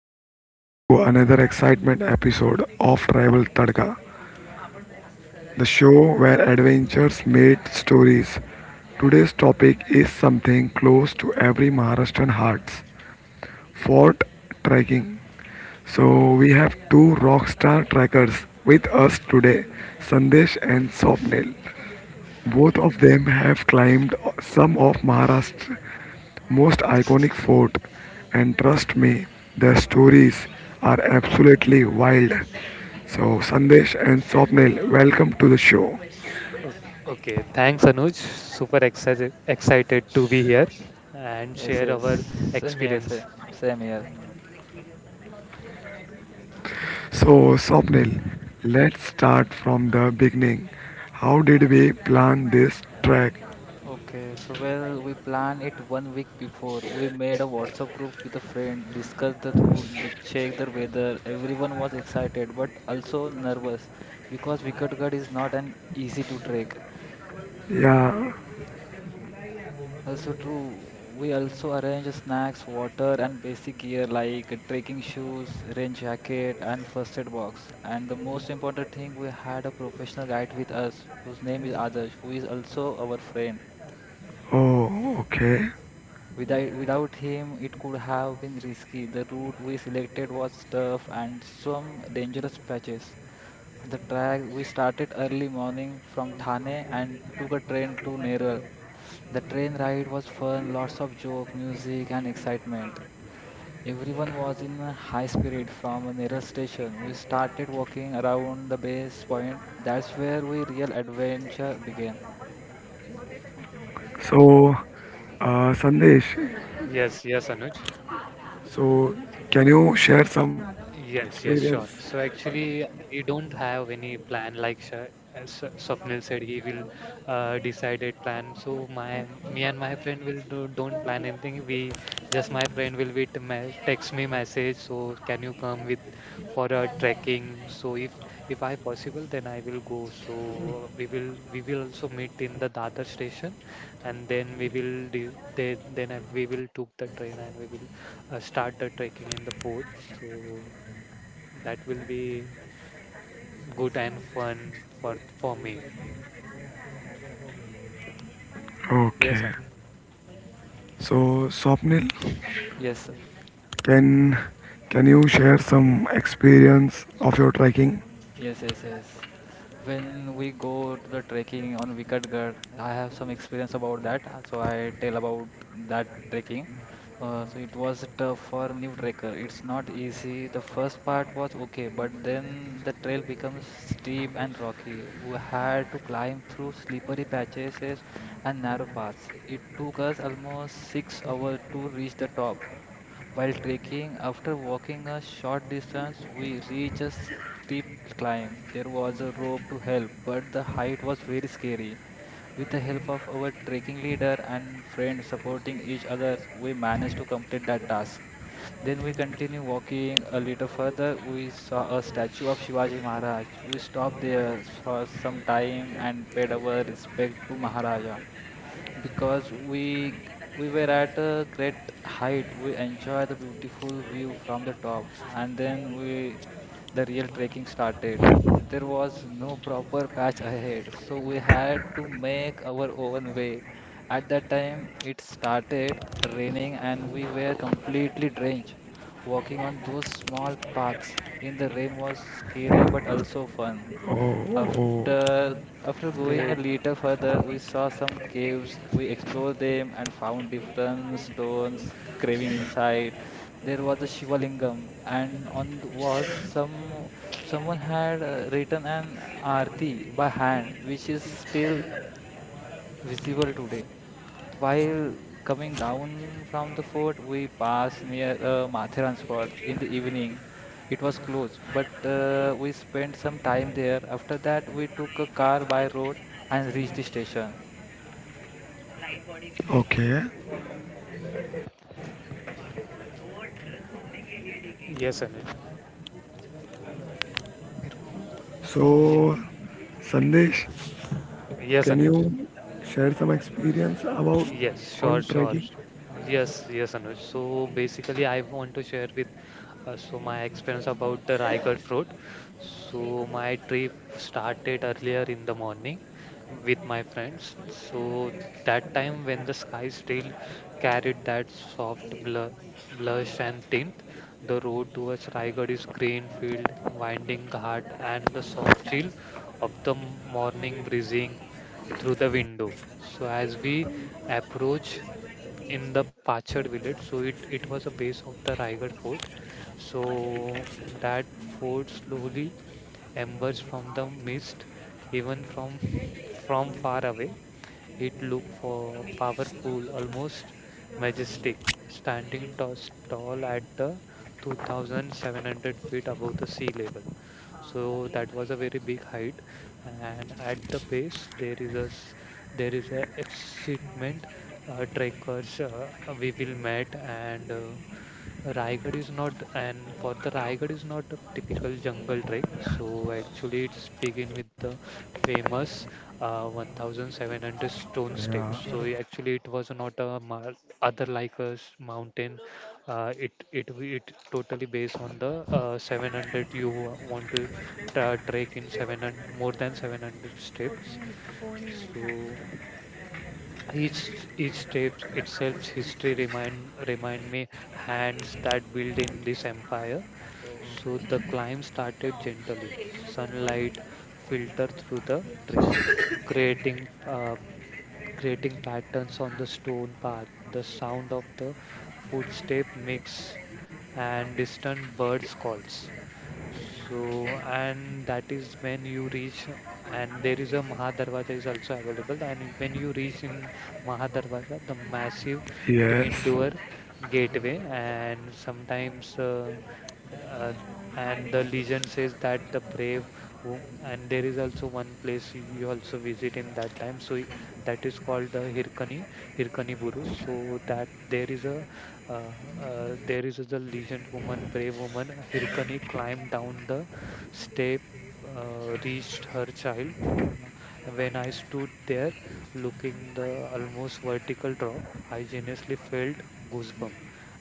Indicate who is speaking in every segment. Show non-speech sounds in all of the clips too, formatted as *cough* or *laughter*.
Speaker 1: welcome back to another excitement episode of Tribal Tadka, the show where adventures meet stories. Today's topic is something close to every Maharashtrian hearts: fort trekking. So, we have two rock star trekkers with us today, Sandesh and Swapnil. Both of them have climbed some of Maharashtra's most iconic fort, and trust me, their stories are absolutely wild. So Sandesh and Swapnil, welcome to the show.
Speaker 2: O- Okay, thanks Anuj. Super excited to be here and
Speaker 3: Yes,
Speaker 2: share
Speaker 3: yes.
Speaker 2: our
Speaker 3: Same here, same,
Speaker 2: experience.
Speaker 3: same here.
Speaker 1: So Swapnil, let's start from the beginning. How did we plan this trek?
Speaker 3: Okay, so well, we plan it 1 week before. We made a WhatsApp group with a friend, discussed the route, the check the weather. Everyone was excited but also nervous because Vikatgarh is not an easy to trek.
Speaker 1: Yeah.
Speaker 3: Also true, we also arrange snacks, water and basic gear like trekking shoes, rain jacket and first aid box. And the most important thing, we had a professional guide with us whose name is Adarsh, who is also our friend.
Speaker 1: Oh, okay.
Speaker 3: Without him, it could have been risky. The route we selected was tough and some dangerous patches. The track we started early morning from Thane and took a train to Neral. The train ride was fun, lots of joke, music, and excitement. Everyone was in a high spirit from a nearest station. We started walking around the base point. That's where we real adventure began.
Speaker 1: So, Sandesh,
Speaker 2: Yes, yes, Anuj.
Speaker 1: so can you share some
Speaker 2: Yes, yes, sure.
Speaker 1: experience?
Speaker 2: So actually, we don't have any plan like Sha as Sw- Swapnil said, he will decide a plan. So my me and my friend will do, don't plan anything. We just my friend will be text me message. So can you come with for a trekking? So if I possible, then I will go. So we will also meet in the Dadar station, and then we will then we will took the train and we will start the trekking in the fort. So. That will be good and fun for me.
Speaker 1: Okay.
Speaker 2: Yes, Anuj.
Speaker 1: So, Swapnil,
Speaker 3: Yes,
Speaker 1: can can you share some experience of your trekking?
Speaker 3: yes. When we go to the trekking on Vikatgarh, I have some experience about that, so I tell about that trekking. So it was tough for new trekker. It's not easy. The first part was okay, but then the trail becomes steep and rocky. We had to climb through slippery patches and narrow paths. It took us almost 6 hours to reach the top. While trekking, after walking a short distance, we reached a steep climb. There was a rope to help, but the height was very scary. With the help of our trekking leader and friend supporting each other, we managed to complete that task. Then we continued walking a little further. We saw a statue of Shivaji Maharaj. We stopped there for some time and paid our respect to Maharaja because we were at a great height. We enjoy the beautiful view from the top, and then we the real trekking started. There was no proper patch ahead, so we had to make our own way. At that time, it started raining, and we were completely drenched. Walking on those small paths in the rain was scary but also fun.
Speaker 1: Oh, oh,
Speaker 3: After after going a
Speaker 2: Great.
Speaker 3: little further, we saw some caves. We explored them and found different stones carving inside. There was a Shivalingam, and on the was some someone had written an arti by hand, which is still visible today. While coming down from the fort, we passed near Mathiran spot in the evening. It was closed, but we spent some time there. After that, we took a car by road and reached the station.
Speaker 1: okay.
Speaker 2: Yes, Anuj. Yes.
Speaker 1: So, Sandesh,
Speaker 2: Yes,
Speaker 1: can
Speaker 2: Anuj.
Speaker 1: you share some experience about
Speaker 2: Yes, sure,
Speaker 1: on
Speaker 2: sure.
Speaker 1: trekking?
Speaker 2: Yes, yes, Anuj. So basically, I want to share with so my experience about the Raigad fruit. So my trip started earlier in the morning with my friends. So that time when the sky still carried that soft blush and tint, the road towards Raigad is green field, winding ghat, and the soft chill of the morning breezing through the window. So as we approach in the Pachad village, so it was a base of the Raigad fort. So that fort slowly embers from the mist, even from *laughs* from far away. It looked for powerful, almost majestic, standing tall at the 2,700 feet above the sea level. So that was a very big height, and at the base there is a excitement trekkers we will meet and Raigad is not a typical jungle trek. So actually, it's begin with the famous 1,700 stone steps. So actually, it was not a other like a mountain. It totally based on the 700. You want to trek in 700, more than 700 steps. So. Each step itself history remind remind me hands that built in this empire.
Speaker 3: Oh,
Speaker 2: So the climb started gently. Sunlight filtered through the tree, creating uh, creating patterns on the stone path. The sound of the footstep mix and distant birds calls.
Speaker 3: okay.
Speaker 2: So, and that is when you reach, and there is a Mahadarwaja is also available. And when you reach in Mahadarwaja, the massive twin
Speaker 1: Yes.
Speaker 2: door gateway, and sometimes, th- uh, and the legend says that the brave, who, and there is also one place you also visit in that time. So, that is called the Hirkani Buruj. So, that uh, there is a legend woman, brave woman. Hirkani climbed down the step, reached her child. Uh, when I stood there, looking the almost vertical drop, I genuinely felt goosebump.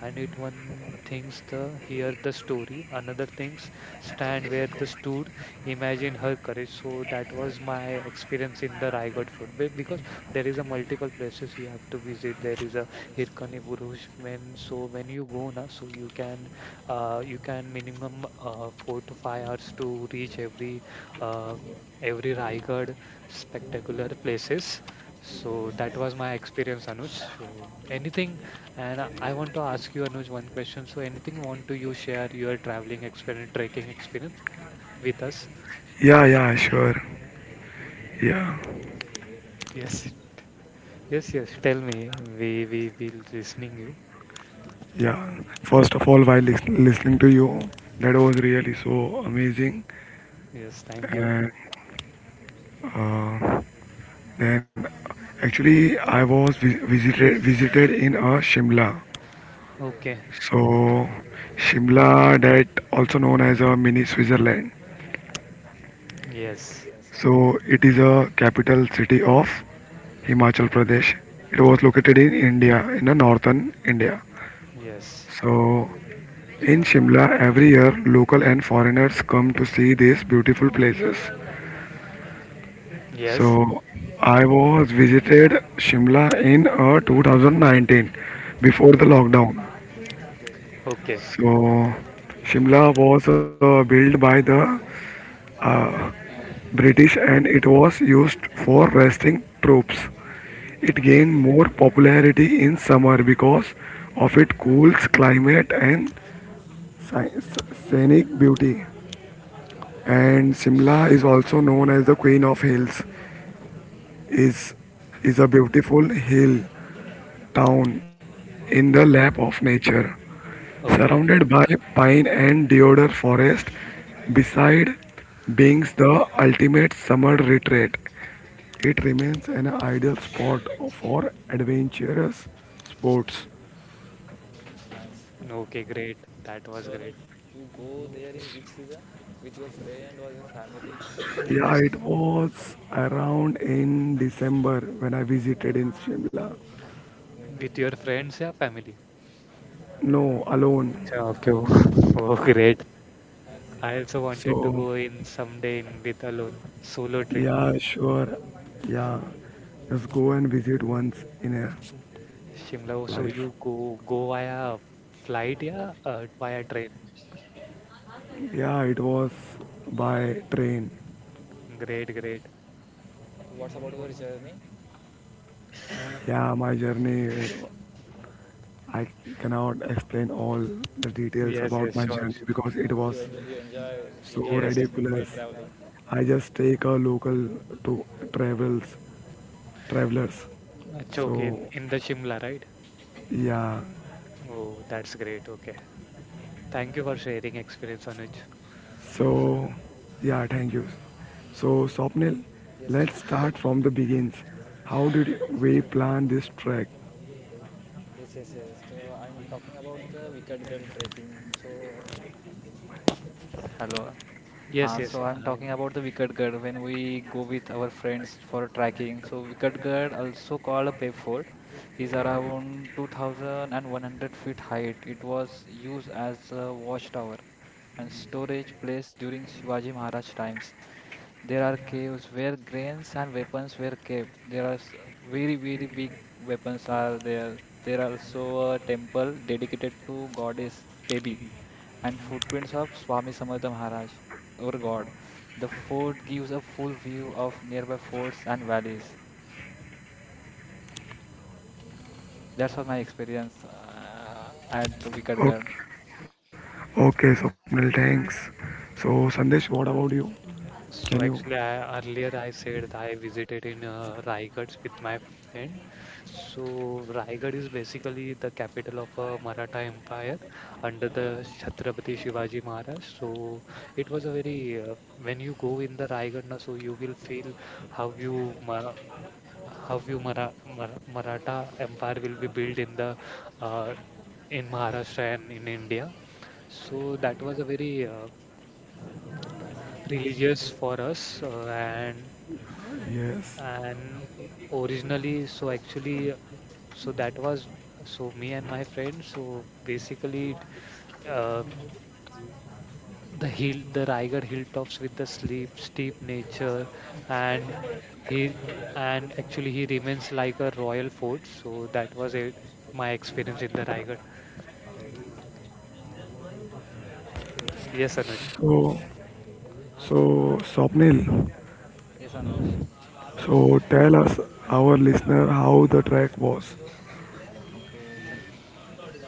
Speaker 2: And it one thinks the hear the story, another thinks stand where the stood, imagine her courage. So that was my experience in the Raigad food. Because there is a multiple places you have to visit, there is a
Speaker 3: Yes,
Speaker 2: hirkani
Speaker 3: yes.
Speaker 2: buruj when, so when you go na, so you can minimum 4 to 5 hours to reach uh, every raigad spectacular places. So that was my experience, Anuj. So anything, and I want to ask you, Anuj, one question, so anything want to you share your traveling experience, trekking experience with us.
Speaker 1: Yeah, yeah, sure. Yeah,
Speaker 2: Yes, yes, yes, tell me, we will listening you.
Speaker 1: yeah. First of all, while listening to you, that was really so amazing.
Speaker 2: Yes, thank you.
Speaker 1: And uh, then, actually, I was visited in Shimla.
Speaker 3: Okay.
Speaker 2: Okay.
Speaker 1: So Shimla, that also known as a mini Switzerland.
Speaker 2: Yes.
Speaker 3: Yes, I know.
Speaker 1: So it is a capital city of Himachal Pradesh. It was located in India, in the northern India.
Speaker 2: Yes.
Speaker 1: So in Shimla, every year local and foreigners come to see these beautiful places.
Speaker 2: Yes.
Speaker 1: So I was visited Shimla in 2019 before the
Speaker 3: Okay.
Speaker 1: lockdown.
Speaker 3: Okay.
Speaker 2: Okay.
Speaker 1: So Shimla was built by the British and it was used for resting troops. It gained more popularity in summer because of its cool climate and scenic beauty. And Simla is also known as the Queen of Hills. is is a beautiful hill town in the
Speaker 2: No.
Speaker 1: lap of nature.
Speaker 2: Okay.
Speaker 1: Surrounded by pine and deodar forest, beside being the ultimate summer retreat, it remains an ideal spot for adventurous sports.
Speaker 3: Oh, it's nice.
Speaker 2: Okay. Great. That
Speaker 3: So,
Speaker 2: was
Speaker 3: Anuj,
Speaker 2: great.
Speaker 3: you go there in which season? With your friend or your family?
Speaker 1: Yeah,
Speaker 2: Yes.
Speaker 1: it was around in December when I visited in Shimla.
Speaker 3: Okay.
Speaker 2: With your friends, yeah, family.
Speaker 1: No, alone.
Speaker 2: Achha, okay. *laughs* Oh,
Speaker 3: Oh,
Speaker 2: great.
Speaker 3: nice.
Speaker 2: I also wanted to
Speaker 1: So,
Speaker 2: go in someday in with alone solo
Speaker 3: Yes,
Speaker 2: trip.
Speaker 1: yeah,
Speaker 3: Anuj.
Speaker 1: sure. Yeah, just go and visit once in a
Speaker 2: Shimla. Oh, so
Speaker 1: life.
Speaker 2: you go via flight, yeah, via train.
Speaker 1: Yeah, it was by train.
Speaker 2: Great. Great.
Speaker 3: What's about your journey?
Speaker 1: Yeah, my journey, I cannot explain all the details
Speaker 2: Yes.
Speaker 1: about
Speaker 2: Yes.
Speaker 1: my
Speaker 2: Sure.
Speaker 1: journey because it
Speaker 3: You
Speaker 1: was
Speaker 3: enjoy you enjoy you
Speaker 1: so
Speaker 3: enjoy the
Speaker 2: Yes.
Speaker 3: train
Speaker 1: ridiculous.
Speaker 3: traveling.
Speaker 1: I just take a local to travels travelers.
Speaker 2: Achha, okay.
Speaker 1: So
Speaker 2: In the Shimla, right?
Speaker 1: yeah,
Speaker 2: Oh, that's great. Okay. Thank you for sharing experience, Anuj.
Speaker 3: Yes, Anuj.
Speaker 1: so yeah, thank you. So Swapnil,
Speaker 3: Yes,
Speaker 1: let's
Speaker 3: Anuj.
Speaker 1: start from the begins. How did we plan this track?
Speaker 3: Yes, yes, yes. So I'm talking about the Wicked Girl trekking. So hello.
Speaker 2: Yes,
Speaker 3: Uh,
Speaker 2: yes.
Speaker 3: so I'm talking
Speaker 2: Um,
Speaker 3: about the Wicked Gad when we go with our friends for trekking. So Wicked Gad, also called a Pay Fort, is around 2,100 feet height. It was used as a watchtower and storage place during Shivaji Maharaj times. There are caves where grains and weapons were kept. Very, very big weapons are there. There are also a temple dedicated to goddess Pebi and footprints of Swami Samartha Maharaj, our god. The fort gives a full view of nearby forts and valleys. That's what my experience at the Vikatgarh.
Speaker 1: Okay, okay, Swapnil, thanks. So Sandesh, what about you? Can
Speaker 2: so
Speaker 1: you?
Speaker 2: actually, earlier I said that I visited in Raigad with my friend. So Raigad is basically the capital of Maratha Empire under the Chhatrapati Shivaji Maharaj. So it was a very when you go in the Raigad, na, so you will feel how you Mara, how you Maratha Empire will be built in the uh, in Maharashtra and in India. So that was a very religious for us,
Speaker 1: Yes.
Speaker 2: and originally, so actually, so that was, so me and my friend, so basically uh, the hill the Raigad hilltops with the sleep steep nature and he, and actually he remains like a royal fort. So that was it, my experience in the Raigad. Yes, Anuj.
Speaker 1: So. So, Swapnil,
Speaker 3: Yes, Anuj.
Speaker 1: so tell us, our listener, how the track was.
Speaker 3: Okay, so,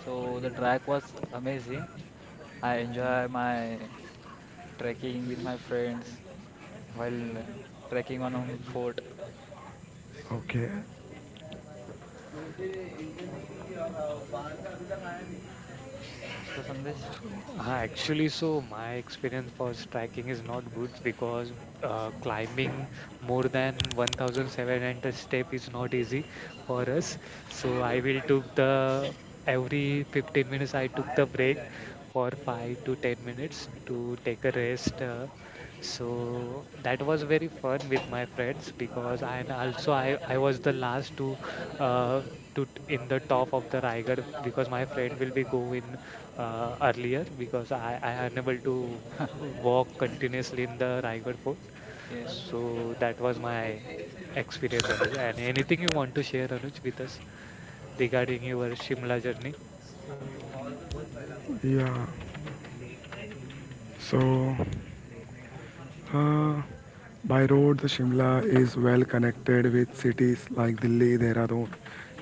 Speaker 3: so the track was amazing. I enjoy my trekking with my friends. While trekking on a fort.
Speaker 1: Okay,
Speaker 3: So Sandesh,
Speaker 2: Actually, so my experience for striking is not good because climbing more than 1,700 step is not easy for us. So I will took the, every 15 minutes I took the break for five to 10 minutes to take a rest. So that was very fun with my friends because I, and also I was the last to uh, in the top of the Raigad because my friend will be go in earlier because I unable to walk continuously in the Raigad Fort.
Speaker 3: yeah,
Speaker 2: So that was my experience, Anuj. And anything you want to share, Anuj, with us regarding your Shimla journey?
Speaker 1: yeah. So, uh, by road, the Shimla is well connected with cities like Delhi, Dehradun,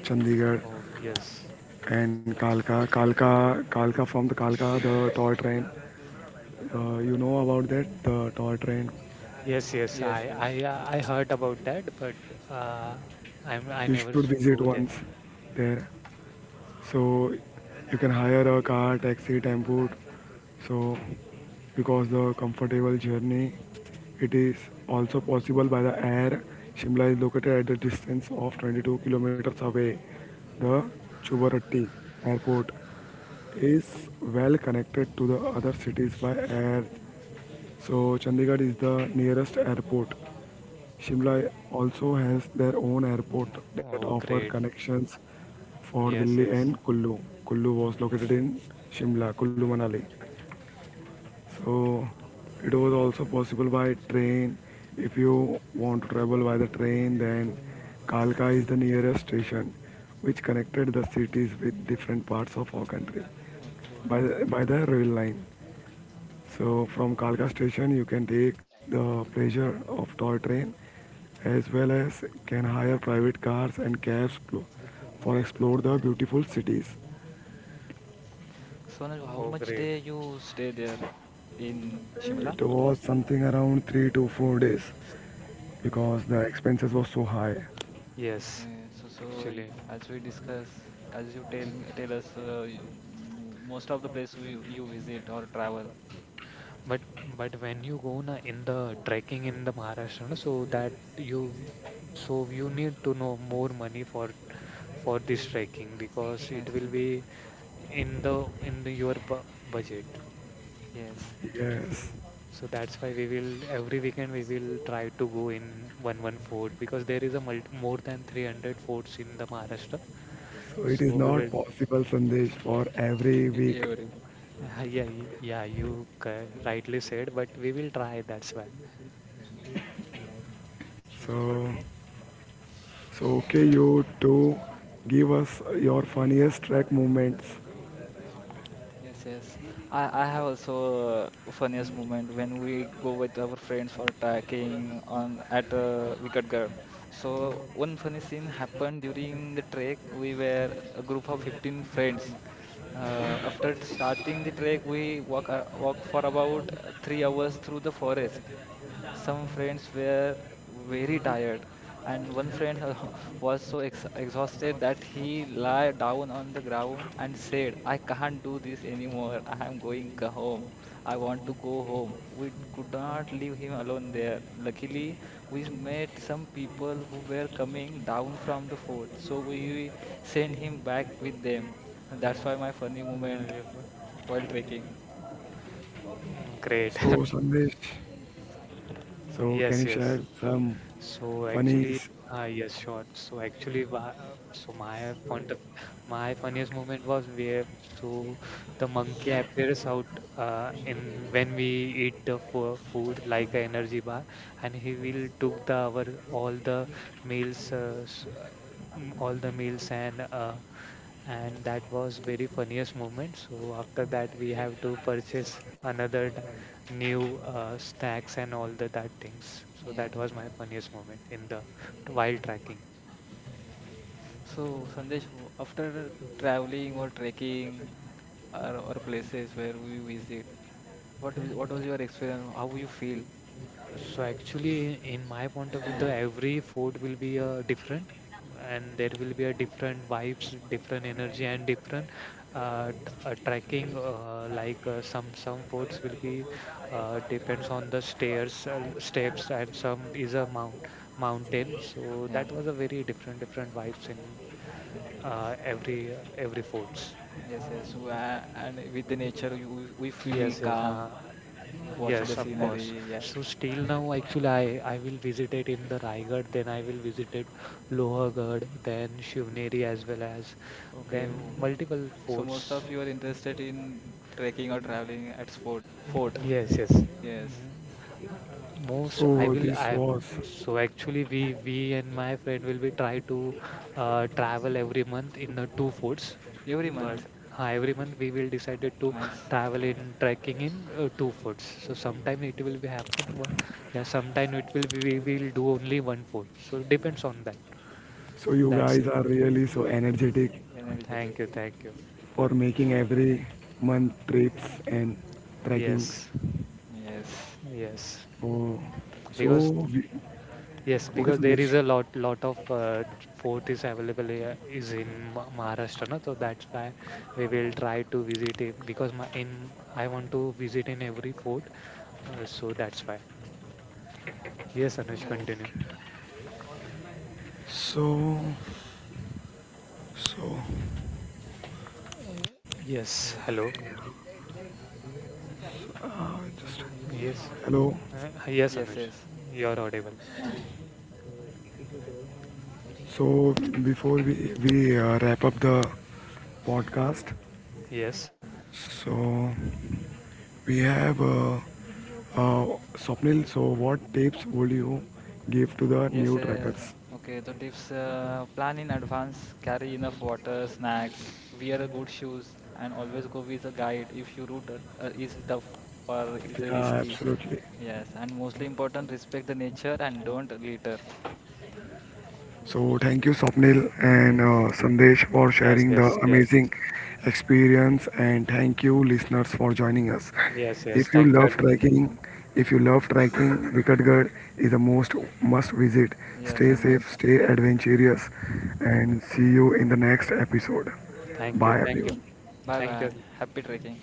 Speaker 1: Chandigarh,
Speaker 2: Oh yes,
Speaker 1: and Kalka. Kalka, from the Kalka, the toy train. You know about that, the toy train.
Speaker 2: yes, yes.
Speaker 3: yes, yes.
Speaker 2: I heard about that, but uh, I
Speaker 1: You
Speaker 2: never
Speaker 1: should visit
Speaker 2: go
Speaker 1: once
Speaker 2: there.
Speaker 1: there. So you can hire a car, taxi, tempo. So because the comfortable journey, it is also possible by the air. Shimla is located at the distance of 22 kilometers away. The Chubarati airport is well connected to the other cities by air. So Chandigarh is the nearest airport. Shimla
Speaker 3: Okay,
Speaker 1: also has their own airport
Speaker 2: Mm.
Speaker 1: that
Speaker 2: Oh
Speaker 1: offer
Speaker 2: great.
Speaker 1: connections for Delhi
Speaker 2: Yes,
Speaker 1: and
Speaker 2: yes.
Speaker 1: Kullu. Kullu was located in Shimla, Kullu Manali. So it was also possible by train. If you want to travel by the train, then Kalka is the nearest station which connected the cities with different parts of our country
Speaker 3: okay,
Speaker 1: by the,
Speaker 3: nice.
Speaker 1: by the rail line. So from Kalka station, you can take the pleasure of toy train as well as can hire private cars and cabs for explore the beautiful cities.
Speaker 3: So Anuj, how
Speaker 2: Oh
Speaker 3: much
Speaker 2: great.
Speaker 3: day you stay there in
Speaker 1: It
Speaker 3: Shimla?
Speaker 1: was something around 3 to 4 days
Speaker 3: Okay,
Speaker 1: because the expenses was so high.
Speaker 2: Yes,
Speaker 3: okay. So so
Speaker 2: actually.
Speaker 3: as we discuss, as you tell us, you, most of the place we you visit or travel.
Speaker 2: But but when you go na in the trekking in the Maharashtra, na, so that you, so you need to know more money for this trekking because
Speaker 3: Yes,
Speaker 2: it will
Speaker 3: yes.
Speaker 2: be in the your bu budget.
Speaker 3: Yes.
Speaker 1: Yes,
Speaker 2: So that's why we will, every weekend we will try to go in one fort because there is a mult more than 300 forts in the Maharashtra.
Speaker 1: so it is
Speaker 2: So we
Speaker 1: not
Speaker 2: will
Speaker 1: possible, Sandesh, for every
Speaker 3: *laughs*
Speaker 1: week.
Speaker 3: Every.
Speaker 2: *laughs* Ah, yeah yeah you rightly said, but we will try. That's why.
Speaker 1: So, so okay, you to give us your funniest track moments.
Speaker 3: Yes, yes. I have also funniest moment when we go with our friends for trekking on at Wicked Ghat. So one funny scene happened during the trek. We were a group of 15 friends. After starting the trek, we walk walk for about 3 hours through the forest. Some friends were very tired, and one friend *laughs* was so ex exhausted that he lay down on the ground and said, I can't do this anymore. I am going c- home. I want to go home. We could not leave him alone there. Luckily, we met some people who were coming down from the fort, so we sent him back with them. And that's why my funny moment
Speaker 2: Yeah,
Speaker 3: while trekking.
Speaker 2: mm, great.
Speaker 1: So, Sandesh.
Speaker 2: *laughs*
Speaker 1: So can
Speaker 2: Yes,
Speaker 1: you share
Speaker 2: yes.
Speaker 1: some
Speaker 2: So actually,
Speaker 1: funnies?
Speaker 2: yes, sure. So actually, so my point of, my funniest moment was where, so the monkey appears out in when we eat the fo food like a energy bar, and he will took the our all the meals, all the meals. And and that was very funniest moment. So after that, we have to purchase new snacks and all the that things. So that
Speaker 3: Yes.
Speaker 2: was my funniest moment in the while tracking.
Speaker 3: So, Sandesh, after traveling or trekking or places where we visit, what was your experience? How you feel?
Speaker 2: So actually, in my point of view, the every food will be different, and there will be a different vibes, different energy, and different tracking. Some foods will be depends on the stairs, steps, and some is a mountain. So
Speaker 3: Yeah,
Speaker 2: that was a very different vibes in
Speaker 3: yes, yes,
Speaker 2: every foods.
Speaker 3: yes, yes. So, and with the nature, you, we feel
Speaker 2: Yes, yes,
Speaker 3: calm
Speaker 2: huh.
Speaker 3: watching the
Speaker 2: Yes, of course.
Speaker 3: scenery. Yes.
Speaker 2: So still now, actually, I will visit it in the Raigad, then I will visit it Lohargarh, then Shivneri as well as
Speaker 3: Okay.
Speaker 2: then multiple
Speaker 3: So most
Speaker 2: forts.
Speaker 3: of you are interested in trekking or traveling at sport fort.
Speaker 2: Yes, yes.
Speaker 3: Yes.
Speaker 2: Mm, uh, most I
Speaker 1: So
Speaker 2: will
Speaker 1: this
Speaker 2: I
Speaker 1: was.
Speaker 2: so actually we and my friend will be try to travel every month in the 2 forts.
Speaker 3: Every
Speaker 2: But
Speaker 3: month.
Speaker 2: every month we will decided to
Speaker 3: Nice.
Speaker 2: travel in trekking in 2 forts. So sometime it will be happen. Yeah, sometime it will be, we will do only one fort. So depends on that.
Speaker 1: So you
Speaker 3: Uh,
Speaker 2: That's
Speaker 1: guys
Speaker 2: it.
Speaker 1: are really so energetic
Speaker 3: energetic.
Speaker 2: Thank you. Thank you.
Speaker 1: for making every month trips and trekkings.
Speaker 2: Yes.
Speaker 3: Yes.
Speaker 2: Yes. Mm.
Speaker 1: Oh,
Speaker 2: Because
Speaker 1: so we-
Speaker 2: yes,
Speaker 1: okay,
Speaker 2: because there is
Speaker 1: Sandesh.
Speaker 2: a lot of fort is available here, is in Maharashtra, na? So that's why we will try to visit it because my in I want to visit in every fort. So that's why. Yes, Anush,
Speaker 3: Yes.
Speaker 2: continue.
Speaker 1: So so
Speaker 2: Yes, hello.
Speaker 1: just
Speaker 2: Yes,
Speaker 1: hello.
Speaker 2: yes,
Speaker 3: Yes.
Speaker 2: Anuj,
Speaker 3: Yes.
Speaker 2: you're audible.
Speaker 1: So before we wrap up the podcast,
Speaker 2: Yes,
Speaker 1: so we have uh, Swapnil. So, what tips would you give to the
Speaker 3: Yes,
Speaker 1: new trackers?
Speaker 3: okay. The tips plan in advance, carry enough water, snacks, wear a good shoes, and always go with a guide if your route is tough or is
Speaker 1: Yeah,
Speaker 3: risky.
Speaker 1: absolutely.
Speaker 3: Yes, and mostly important, respect the nature and don't litter.
Speaker 1: So, thank you, Swapnil and
Speaker 3: Yes,
Speaker 1: Sandesh, for
Speaker 2: yes,
Speaker 1: sharing the
Speaker 2: yes, yes,
Speaker 1: amazing experience, and thank you, listeners, for joining us.
Speaker 2: yes, yes.
Speaker 1: If you
Speaker 2: Thank you,
Speaker 1: love
Speaker 2: Anuj.
Speaker 1: trekking, if you love trekking, Vikatgarh is a most must visit.
Speaker 3: yes,
Speaker 1: Stay safe,
Speaker 3: almost.
Speaker 1: stay adventurous, and see you in the next episode.
Speaker 2: Thank you,
Speaker 1: Bye,
Speaker 2: thank you,
Speaker 1: everyone.
Speaker 3: Bye
Speaker 2: thank you.
Speaker 3: bye. Happy trekking.